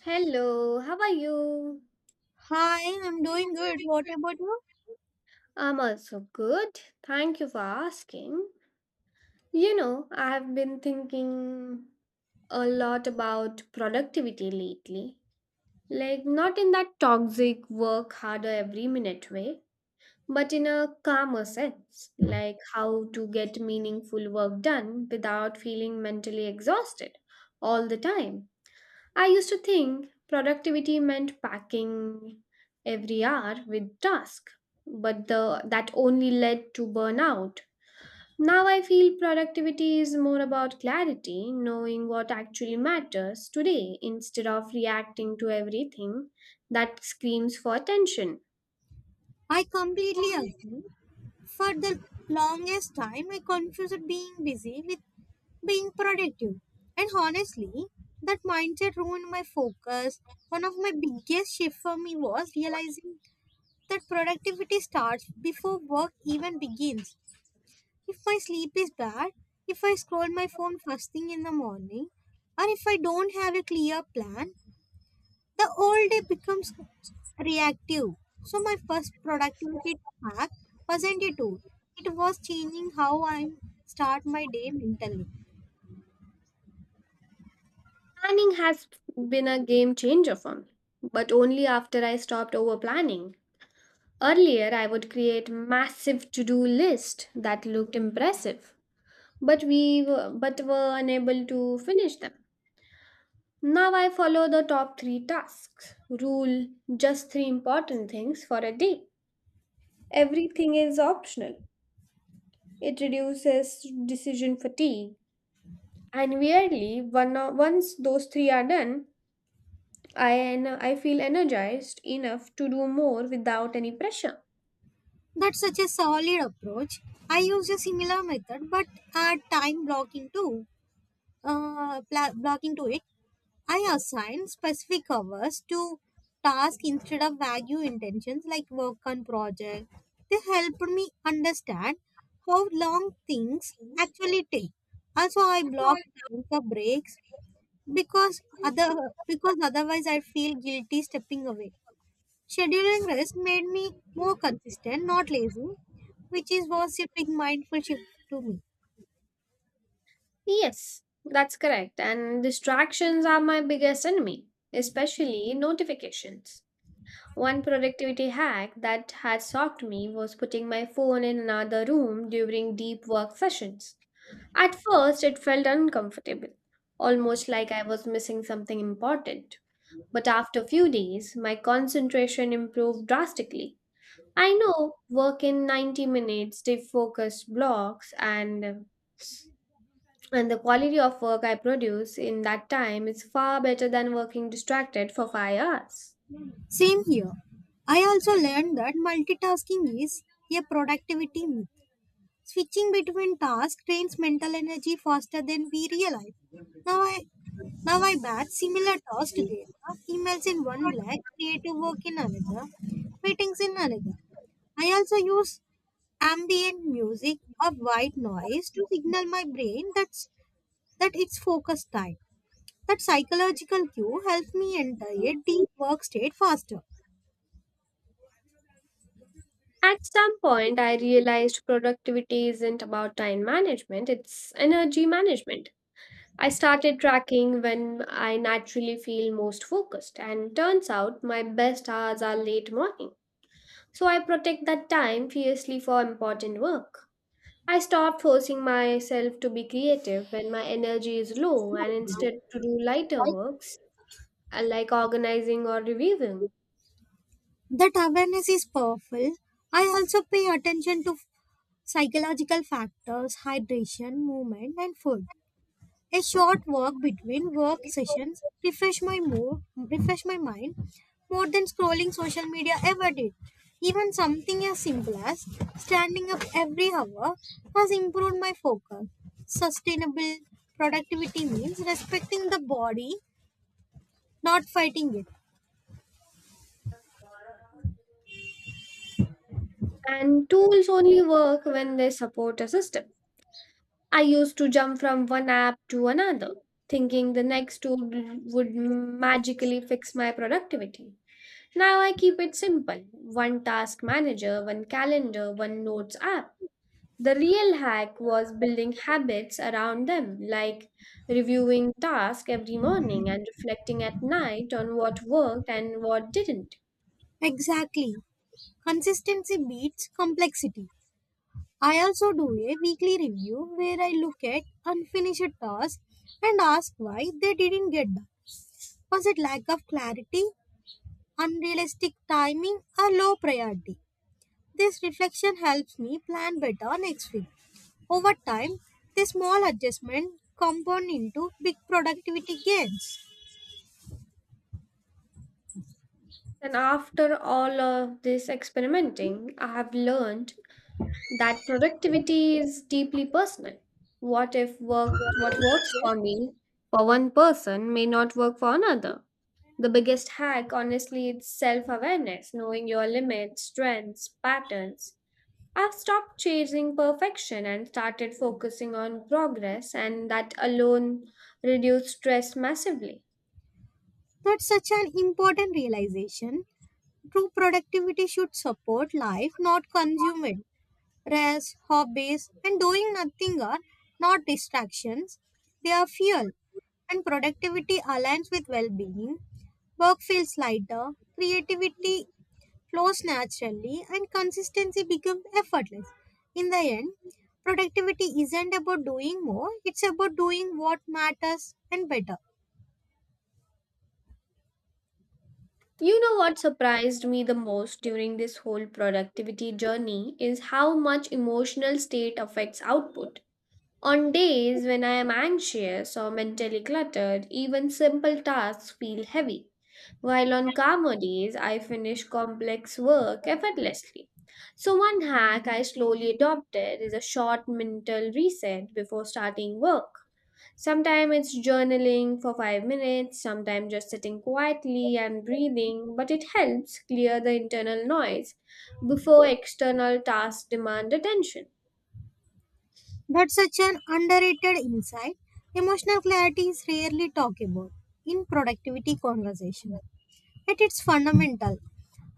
Hello, how are you? Hi, I'm doing good. What about you? I'm also good. Thank you for asking. You know, I have been thinking a lot about productivity lately. Like, not in that toxic work harder every minute way, but in a calmer sense. Like, how to get meaningful work done without feeling mentally exhausted all the time. I used to think productivity meant packing every hour with task, but that only led to burnout. Now I feel productivity is more about clarity, knowing what actually matters today instead of reacting to everything that screams for attention. I completely agree. For the longest time, I confused being busy with being productive. And honestly, that mindset ruined my focus. One of my biggest shifts for me was realizing that productivity starts before work even begins. If my sleep is bad, if I scroll my phone first thing in the morning, or if I don't have a clear plan, the old day becomes reactive. So my first productivity hack wasn't a tool. It was changing how I start my day mentally. Planning has been a game changer for me, but only after I stopped over planning. Earlier, I would create massive to-do list that looked impressive, but but were unable to finish them. Now I follow the top 3 tasks rule, just 3 important things for a day. Everything is optional. It reduces decision fatigue. And weirdly, once those 3 are done, I feel energized enough to do more without any pressure. That's such a solid approach. I use a similar method but add time blocking to blocking to it. I assign specific hours to tasks instead of vague intentions like work on project. They helped me understand how long things actually take. Also, I block time for breaks because Because other other because people otherwise I that feel have been guilty stepping discussing away. about, so Scheduling there rest made me is maybe no. more consistent, not lazy, which is was a big mindful shift to me. Yes, that's correct. And distractions are my biggest enemy, especially notifications. One productivity hack that had shocked me was putting my phone in another room during deep work sessions. At first, it felt uncomfortable, almost like I was missing something important. But after a few days, my concentration improved drastically. I know work in 90 minutes, they focused blocks, and the quality of work I produce in that time is far better than working distracted for 5 hours. Same here. I also learned that multitasking is a productivity myth. Switching between tasks drains mental energy faster than we realize. Now I now I batch similar tasks together, emails in one block, creative work in another, meetings in another. I also use ambient music or white noise to signal my brain that it's focus time. That psychological cue helps me enter a deep work state faster. At some point, I realized productivity isn't about time management, it's energy management. I started tracking when I naturally feel most focused, and turns out my best hours are late morning. So I protect that time fiercely for important work. I stopped forcing myself to be creative when my energy is low and instead to do lighter works like organizing or reviewing. That awareness is powerful. I also pay attention to psychological factors, hydration, movement, and food. A short walk between work sessions refresh my mood, refresh my mind more than scrolling social media ever did. Even something as simple as standing up every hour has improved my focus. Sustainable productivity means respecting the body, not fighting it. And tools only work when they support a system. I used to jump from one app to another, thinking the next tool would magically fix my productivity. Now I keep it simple one task manager, one calendar, one notes app. The real hack was building habits around them, like reviewing tasks every morning and reflecting at night on what worked and what didn't. Exactly. Consistency beats complexity. I also do a weekly review where I look at unfinished tasks and ask why they didn't get done. Was it lack of clarity, unrealistic timing, or low priority? This reflection helps me plan better next week. Over time, this small adjustment compound into big productivity gains. And after all of this experimenting, I have learned that productivity is deeply personal. What if work what works for me for one person may not work for another? The biggest hack, honestly, is self-awareness, knowing your limits, strengths, patterns. I've stopped chasing perfection and started focusing on progress, and that alone reduced stress massively. That's such an important realization. True productivity should support life, not consume it. Rest, hobbies, and doing nothing are not distractions, they are fuel. And productivity aligns with well being. Work feels lighter, creativity flows naturally, and consistency becomes effortless. In the end, productivity isn't about doing more, it's about doing what matters and better. You know what surprised me the most during this whole productivity journey is how much emotional state affects output. On days when I am anxious or mentally cluttered, even simple tasks feel heavy, while on calmer days I finish complex work effortlessly. So, one hack I slowly adopted is a short mental reset before starting work. Sometimes it's journaling for 5 minutes, sometimes just sitting quietly and breathing, but it helps clear the internal noise before external tasks demand attention. That's such an underrated insight. Emotional clarity is rarely talked about in productivity conversation. At its fundamental,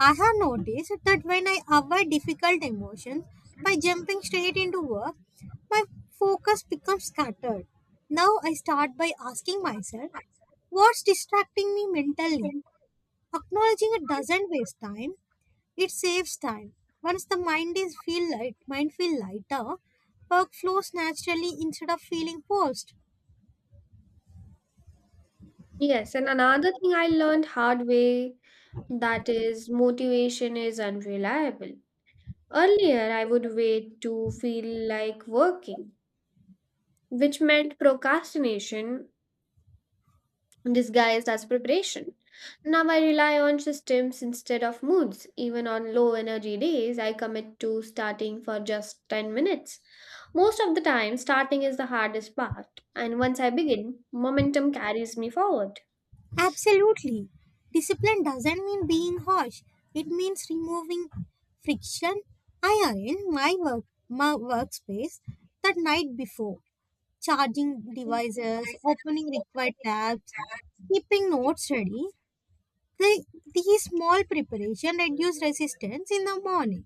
I have noticed that when I avoid difficult emotions by jumping straight into work, my focus becomes scattered. Now I start by asking myself, what's distracting me mentally? Acknowledging it doesn't waste time, it saves time. Once the mind feel lighter, work flows naturally instead of feeling forced. Yes, and another thing I learned hard way that is motivation is unreliable. Earlier I would wait to feel like working, which meant procrastination disguised as preparation. Now I rely on systems instead of moods. Even on low energy days, I commit to starting for just 10 minutes. Most of the time, starting is the hardest part, and once I begin, momentum carries me forward. Absolutely. Discipline doesn't mean being harsh. It means removing friction. I arrange my workspace that night before, charging devices, opening required tabs, keeping notes ready. The, these small preparation reduce resistance in the morning.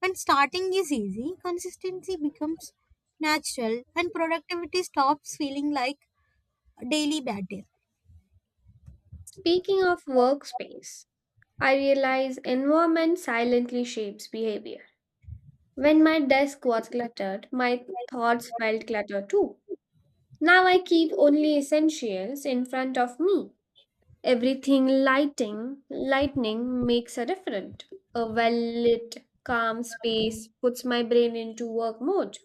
When starting is easy, consistency becomes natural and productivity stops feeling like a daily battle. Speaking of workspace, I realize environment silently shapes behavior. When my desk was cluttered, my thoughts felt cluttered too. Now I keep only essentials in front of me. Everything lighting, lightning makes a different. A well-lit, calm space puts my brain into work mode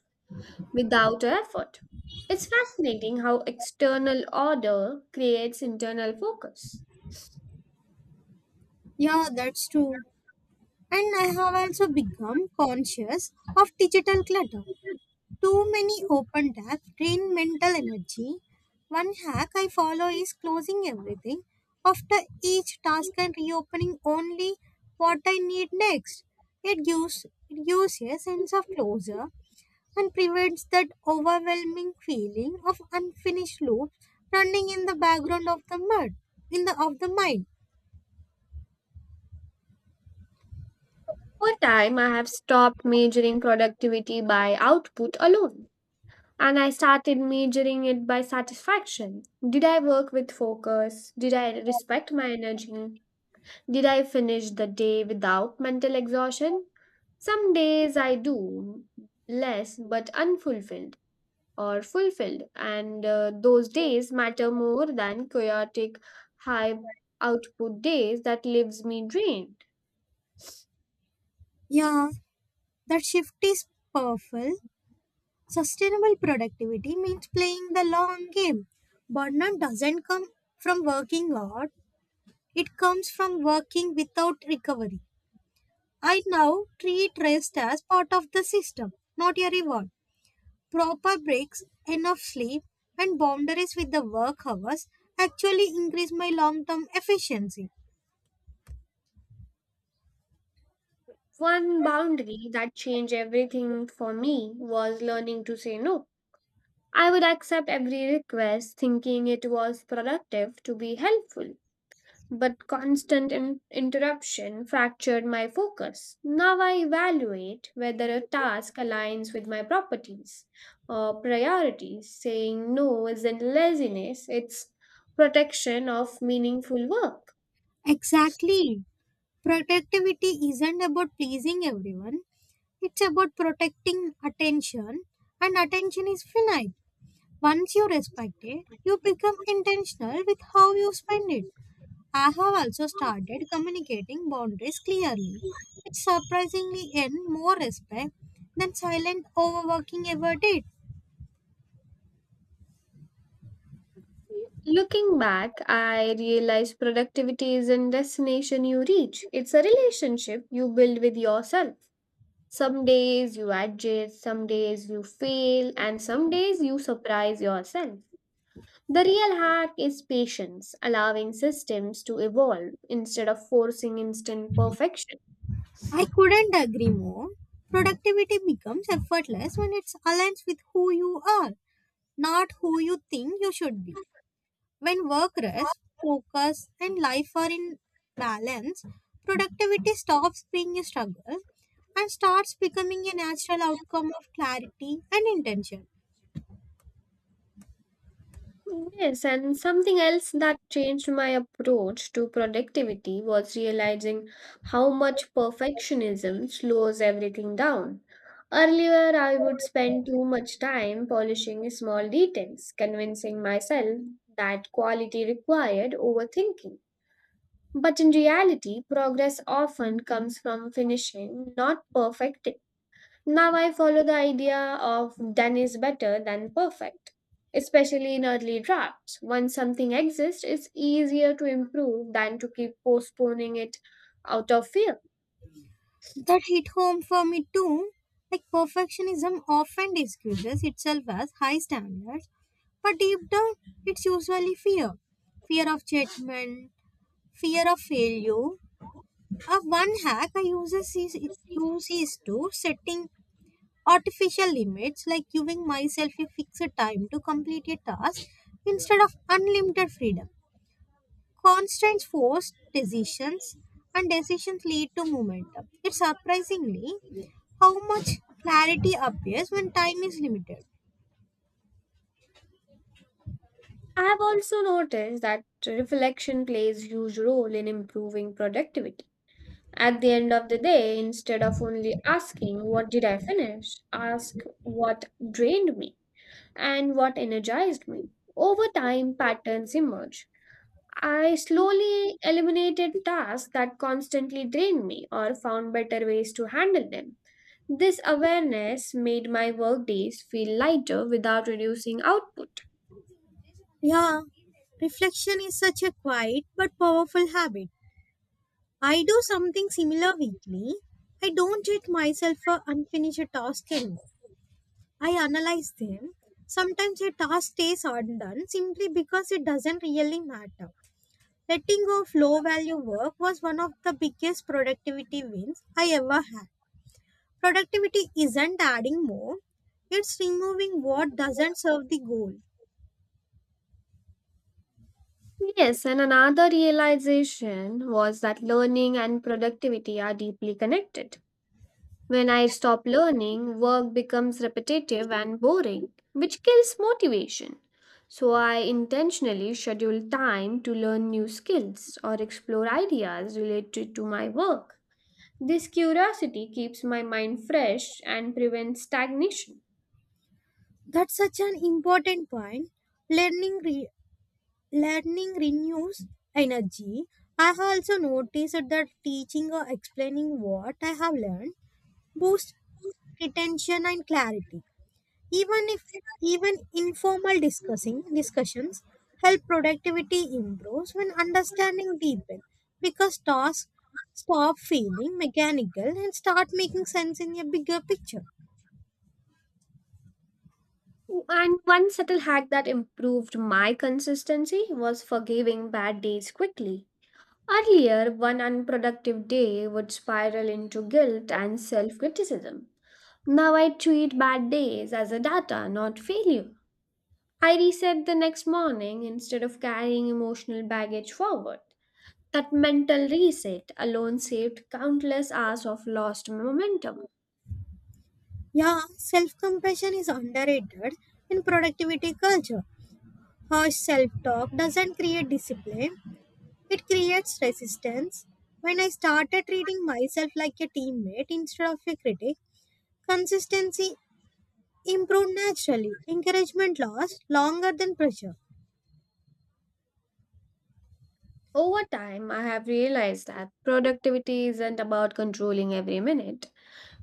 without effort. It's fascinating how external order creates internal focus. Yeah, that's true. And I have also become conscious of digital clutter. Too many open tabs drain mental energy. One hack I follow is closing everything after each task and reopening only what I need next. It gives a sense of closure and prevents that overwhelming feeling of unfinished loops running in the background of the mud, in the of the mind. Over time, I have stopped measuring productivity by output alone, and I started measuring it by satisfaction. Did I work with focus? Did I respect my energy? Did I finish the day without mental exhaustion? Some days I do less but unfulfilled or fulfilled, and those days matter more than chaotic, high output days that leaves me drained. Yeah, that shift is powerful. Sustainable productivity means playing the long game. Burnout doesn't come from working hard, it comes from working without recovery. I now treat rest as part of the system, not a reward. Proper breaks, enough sleep, and boundaries with the work hours actually increase my long term efficiency. One boundary that changed everything for me was learning to say no. I would accept every request thinking it was productive to be helpful, but interruption fractured my focus. Now I evaluate whether a task aligns with my properties or priorities. Saying no isn't laziness, it's protection of meaningful work. Exactly. Productivity isn't about pleasing everyone, it's about protecting attention, and attention is finite. Once you respect it, you become intentional with how you spend it. I have also started communicating boundaries clearly, which surprisingly earn more respect than silent overworking ever did. Looking back, I realize productivity isn't destination you reach. It's a relationship you build with yourself. Some days you adjust, some days you fail, and some days you surprise yourself. The real hack is patience, allowing systems to evolve instead of forcing instant perfection. I couldn't agree more. Productivity becomes effortless when it's aligned with who you are, not who you think you should be. When work rest, focus, and life are in balance, productivity stops being a struggle and starts becoming a natural outcome of clarity and intention. Yes, and something else that changed my approach to productivity was realizing how much perfectionism slows everything down. Earlier, I would spend too much time polishing small details, convincing myself that quality required overthinking. But in reality, progress often comes from finishing, not perfecting. Now I follow the idea of done is better than perfect, especially in early drafts. Once something exists, it's easier to improve than to keep postponing it out of fear. That hit home for me too. Like perfectionism often disguises itself as high standards, but deep down, it's usually fear of judgment, fear of failure. A one hack I uses is, use is to setting artificial limits like giving myself a fixed time to complete a task instead of unlimited freedom. Constraints force decisions, and decisions lead to momentum. It's surprisingly how much clarity appears when time is limited. I have also noticed that reflection plays huge role in improving productivity. At the end of the day, instead of only asking what did I finish, ask what drained me and what energized me. Over time, patterns emerge. I slowly eliminated tasks that constantly drained me or found better ways to handle them. This awareness made my workdays feel lighter without reducing output. Yeah, reflection is such a quiet but powerful habit. I do something similar weekly. I don't treat myself for unfinished task anymore. I analyze them. Sometimes a task stays undone simply because it doesn't really matter. Letting go of low value work was one of the biggest productivity wins I ever had. Productivity isn't adding more, it's removing what doesn't serve the goal. Yes, and another realization was that learning and productivity are deeply connected. When I stop learning, work becomes repetitive and boring, which kills motivation. So I intentionally schedule time to learn new skills or explore ideas related to my work. This curiosity keeps my mind fresh and prevents stagnation. That's such an important point. Learning, re- learning renews energy. I have also noticed that teaching or explaining what I have learned boosts retention and clarity. Even if even informal discussing discussions help productivity improves when understanding deepen because tasks stop feeling mechanical and start making sense in a bigger picture. And one subtle hack that improved my consistency was forgiving bad days quickly. Earlier, one unproductive day would spiral into guilt and self criticism. Now I treat bad days as a data, not failure. I reset the next morning instead of carrying emotional baggage forward. That mental reset alone saved countless hours of lost momentum. Yeah, self-compassion is underrated in productivity culture. Harsh self-talk doesn't create discipline, it creates resistance. When I started treating myself like a teammate instead of a critic, consistency improve naturally. Encouragement lasts longer than pressure. Over time, I have realized that productivity isn't about controlling every minute,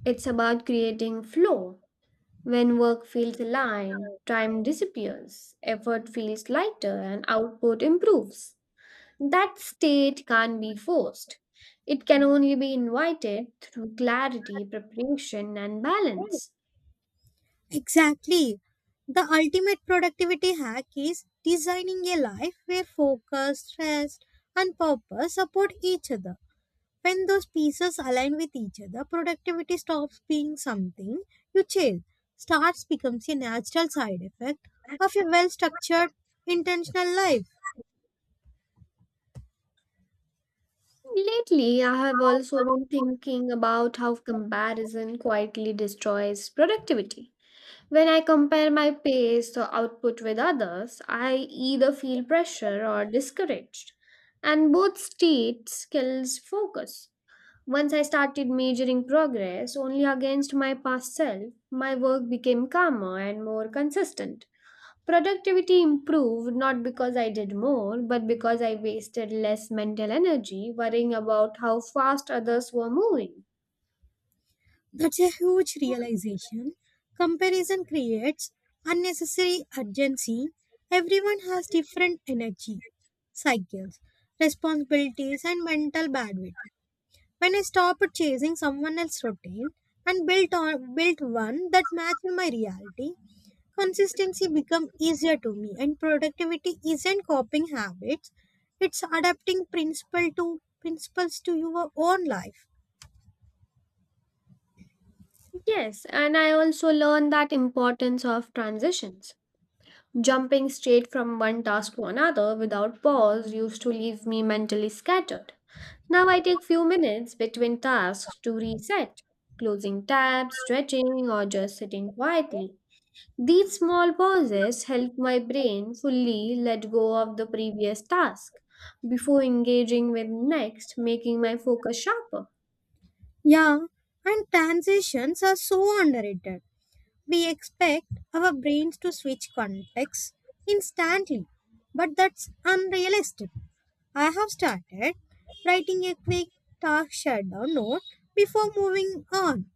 it's about creating flow. When work feels aligned, time disappears, effort feels lighter, and output improves. That state can't be forced. It can only be invited through clarity, preparation, and Right. balance. Exactly. The ultimate productivity hack is designing a life where focus, rest, and purpose support each other. When those pieces align with each other, productivity stops being something you chase, starts becomes a natural side effect of a well structured, intentional life. Lately, I have also been thinking about how comparison quietly destroys productivity. When I compare my pace or output with others, I either feel pressure or discouraged, and both states kills focus. Once I started measuring progress only against my past self, my work became calmer and more consistent. Productivity improved not because I did more, but because I wasted less mental energy worrying about how fast others were moving. That's a huge realization. Comparison creates unnecessary urgency. Everyone has different energy, cycles, responsibilities, and mental bandwidth. When I stopped chasing someone else's routine and built one that matched my reality, consistency become easier to me and productivity isn't copying habits. It's adapting principles to your own life. Yes, and I also learned that importance of transitions. Jumping straight from one task to another without pause used to leave me mentally scattered. Now I take few minutes between tasks to reset, closing tabs, stretching, or just sitting quietly. These small pauses help my brain fully let go of the previous task before engaging with next, making my focus sharper. Yeah, and transitions are so underrated. We expect our brains to switch contexts instantly, but that's unrealistic. I have started writing a quick task shutdown note before moving on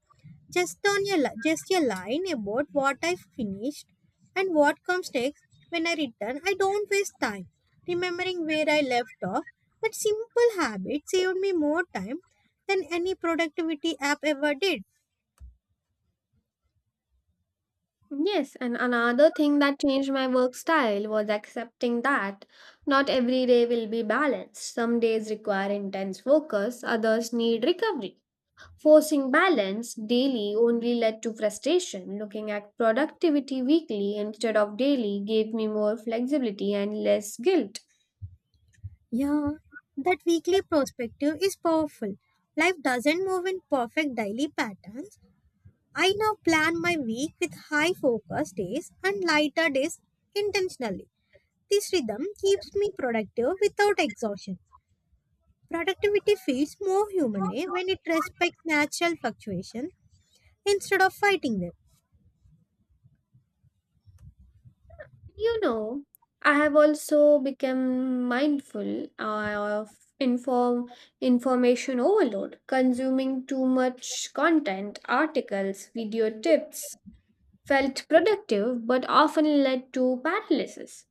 just on your li- just a line about what I finished and what comes next when I return. I don't waste time remembering where I left off. That simple habit saved me more time than any productivity app ever did. Yes, and another thing that changed my work style was accepting that not every day will be balanced. Some days require intense focus, others need recovery. Forcing balance daily only led to frustration. Looking at productivity weekly instead of daily gave me more flexibility and less guilt. Yeah, that weekly perspective is powerful. Life doesn't move in perfect daily patterns. I now plan my week with high focus days and lighter days intentionally. This rhythm keeps me productive without exhaustion. Productivity feels more human when it respects natural fluctuation instead of fighting them. You know, I have also become mindful of information overload, consuming too much content, articles, video tips felt productive but often led to paralysis.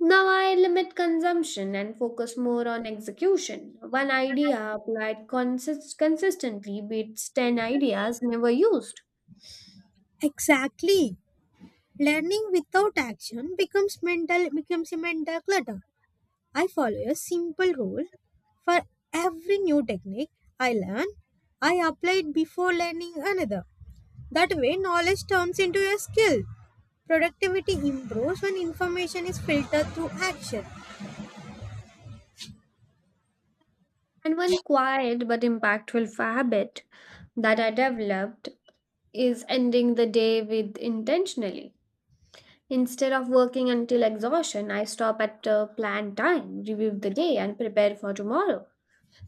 Now I limit consumption and focus more on execution. One idea applied consistently beats 10 ideas never used. Exactly. Learning without action becomes mental becomes a mental clutter. I follow a simple rule for every new technique I learn. I apply it before learning another. That way, knowledge turns into a skill. Productivity improves when information is filtered through action. And one quiet but impactful habit that I developed is ending the day with intentionally. Instead of working until exhaustion, I stop at a planned time, review the day, and prepare for tomorrow.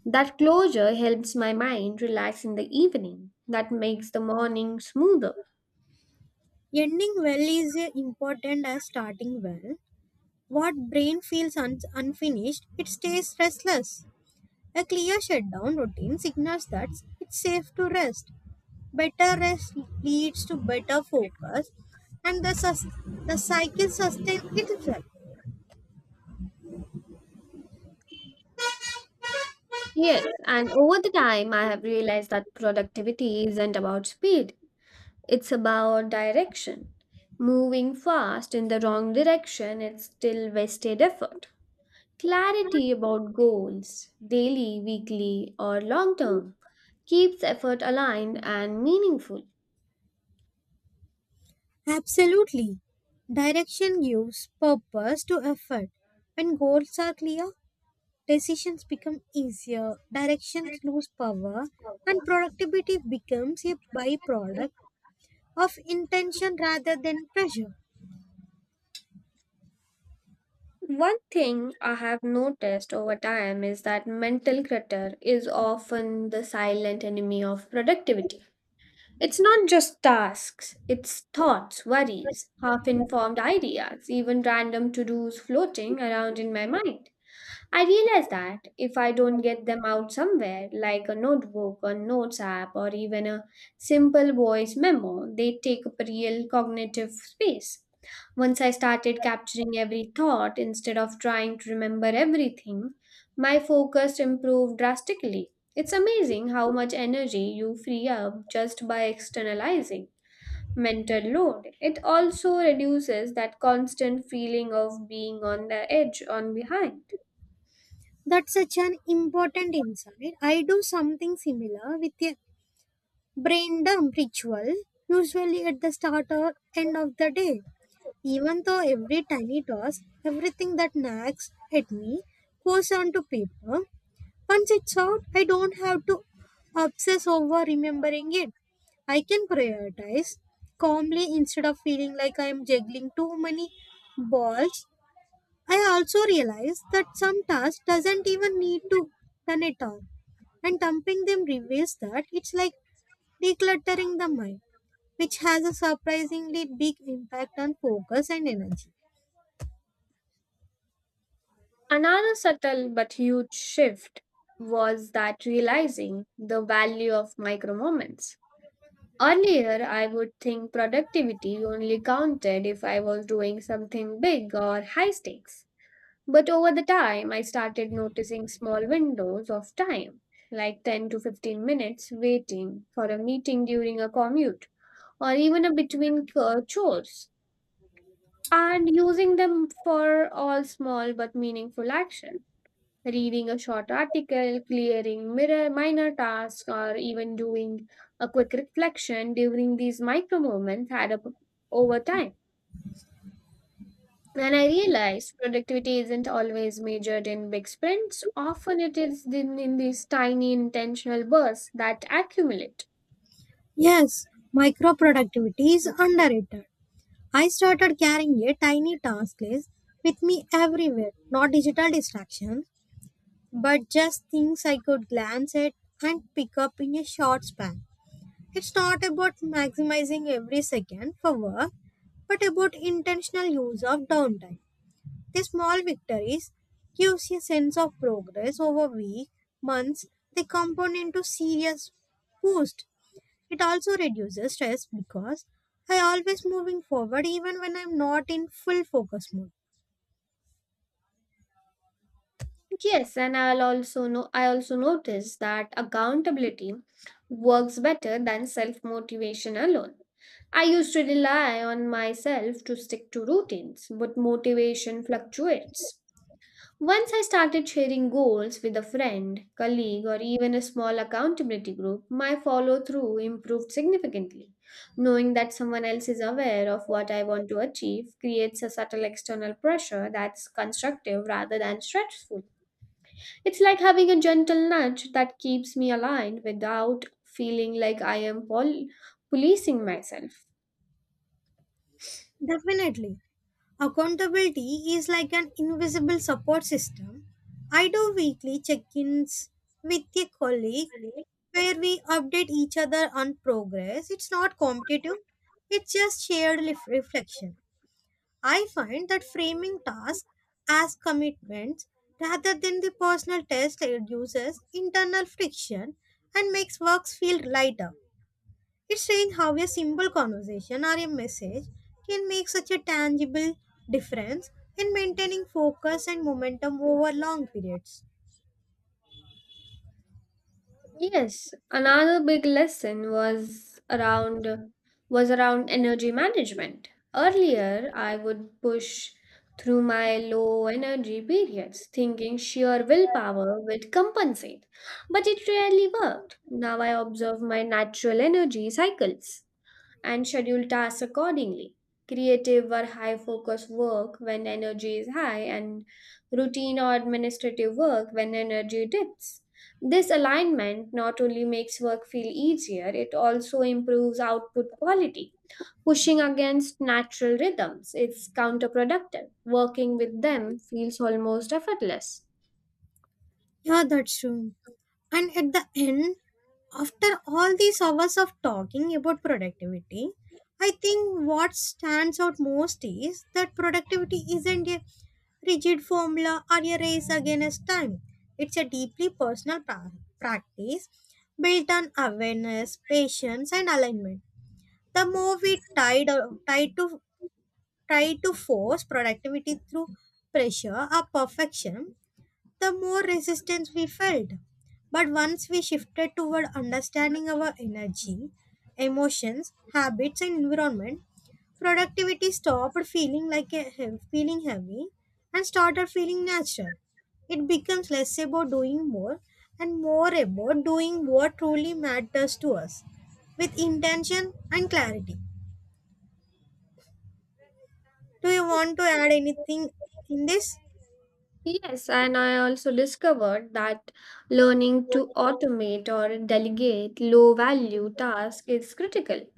That closure helps my mind relax in the evening. That makes the morning smoother. Ending well is important as starting well. What brain feels unfinished, it stays restless. A clear shutdown routine signals that it's safe to rest. Better rest leads to better focus, and the cycle sustains itself. Yes, and over the time, I have realized that productivity isn't about speed, it's about direction. Moving fast in the wrong direction, it's still wasted effort. Clarity about goals, daily, weekly, or long term, keeps effort aligned and meaningful. Absolutely. Direction gives purpose to effort. When goals are clear, decisions become easier, directions lose power, and productivity becomes a byproduct of intention rather than pressure. One thing I have noticed over time is that mental clutter is often the silent enemy of productivity. It's not just tasks, it's thoughts, worries, half informed ideas, even random to dos floating around in my mind. I realize that if I don't get them out somewhere, like a notebook, a notes app, or even a simple voice memo, they take up real cognitive space. Once I started capturing every thought instead of trying to remember everything, my focus improved drastically. It's amazing how much energy you free up just by externalizing mental load. It also reduces that constant feeling of being on the edge on behind. That's such an important insight. I do something similar with a brain dump ritual, usually at the start or end of the day. Even though every tiny task, everything that nags at me goes onto paper, once it's out, I don't have to obsess over remembering it. I can prioritize calmly instead of feeling like I am juggling too many balls. I also realized that some tasks doesn't even need to done at all, and dumping them reveals that it's like decluttering the mind, which has a surprisingly big impact on focus and energy. Another subtle but huge shift was that realizing the value of micro moments. Earlier, I would think productivity only counted if I was doing something big or high stakes. But over the time, I started noticing small windows of time, like 10 to 15 minutes waiting for a meeting during a commute or even a between chores, and using them for all small but meaningful action reading a short article, clearing mirror, minor tasks, or even doing a quick reflection during these micro moments add up over time. And I realized productivity isn't always measured in big sprints. Often it is in these tiny intentional bursts that accumulate. Yes, micro productivity is underrated. I started carrying a tiny task list with me everywhere, not digital distractions, but just things I could glance at and pick up in a short span. It's not about maximizing every second for work, but about intentional use of downtime. The small victories gives you a sense of progress over weeks, months. They compound into serious boost. It also reduces stress because I always moving forward even when I'm not in full focus mode. Yes, and I also noticed that accountability works better than self-motivation alone. I used to rely on myself to stick to routines, but motivation fluctuates. Once I started sharing goals with a friend, colleague, or even a small accountability group, my follow through improved significantly. Knowing that someone else is aware of what I want to achieve creates a subtle external pressure that's constructive rather than stressful. It's like having a gentle nudge that keeps me aligned without feeling like policing myself. Definitely. Accountability is like an invisible support system. I do weekly check ins with a colleague where we update each other on progress. It's not competitive, it's just shared reflection. I find that framing tasks as commitments rather than the personal test reduces internal friction and makes works feel lighter. It's strange how a simple conversation or a message can make such a tangible difference in maintaining focus and momentum over long periods. Yes, another big lesson was around energy management. Earlier, I would push through my low energy periods, thinking sheer willpower would compensate, but it rarely worked. Now I observe my natural energy cycles and schedule tasks accordingly. Creative or high focus work when energy is high, and routine or administrative work when energy dips. This alignment not only makes work feel easier, it also improves output quality. Pushing against natural rhythms is counterproductive. Working with them feels almost effortless. Yeah, that's true. And at the end, after all these hours of talking about productivity, I think what stands out most is that productivity isn't a rigid formula or a race against time. It's a deeply personal practice built on awareness, patience, and alignment. The more we tied, try to try to force productivity through pressure or perfection, the more resistance we felt. But once we shifted toward understanding our energy, emotions, habits, and environment, productivity stopped feeling like feeling heavy and started feeling natural. It becomes less about doing more and more about doing what truly matters to us with intention and clarity. Do you want to add anything in this? Yes, and I also discovered that learning to automate or delegate low value tasks is critical.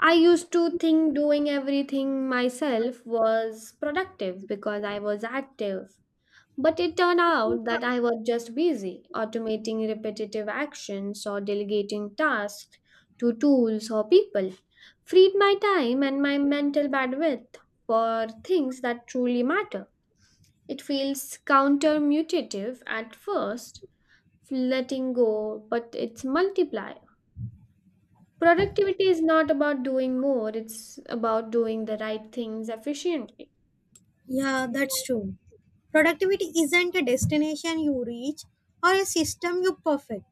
I used to think doing everything myself was productive because I was active. But it turned out that I was just busy automating repetitive actions or delegating tasks to tools or people. Freed my time and my mental bandwidth for things that truly matter. It feels countermutative at first, letting go, but it's multiplier. Productivity is not about doing more, it's about doing the right things efficiently. Yeah, that's true. Productivity isn't a destination you reach or a system you perfect.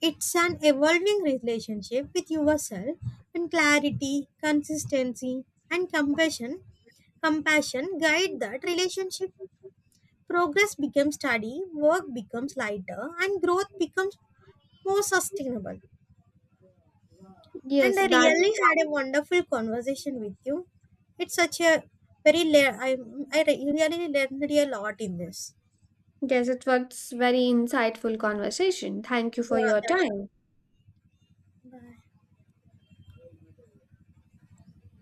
It's an evolving relationship with yourself when clarity, consistency, and compassion guide that relationship. Progress becomes steady, work becomes lighter, and growth becomes more sustainable. And Yes, I that really had a wonderful conversation with you. It's such a very le- I re- really learned a lot in this. yes, it was very insightful conversation. Thank you for Yeah, your that's time. Bye.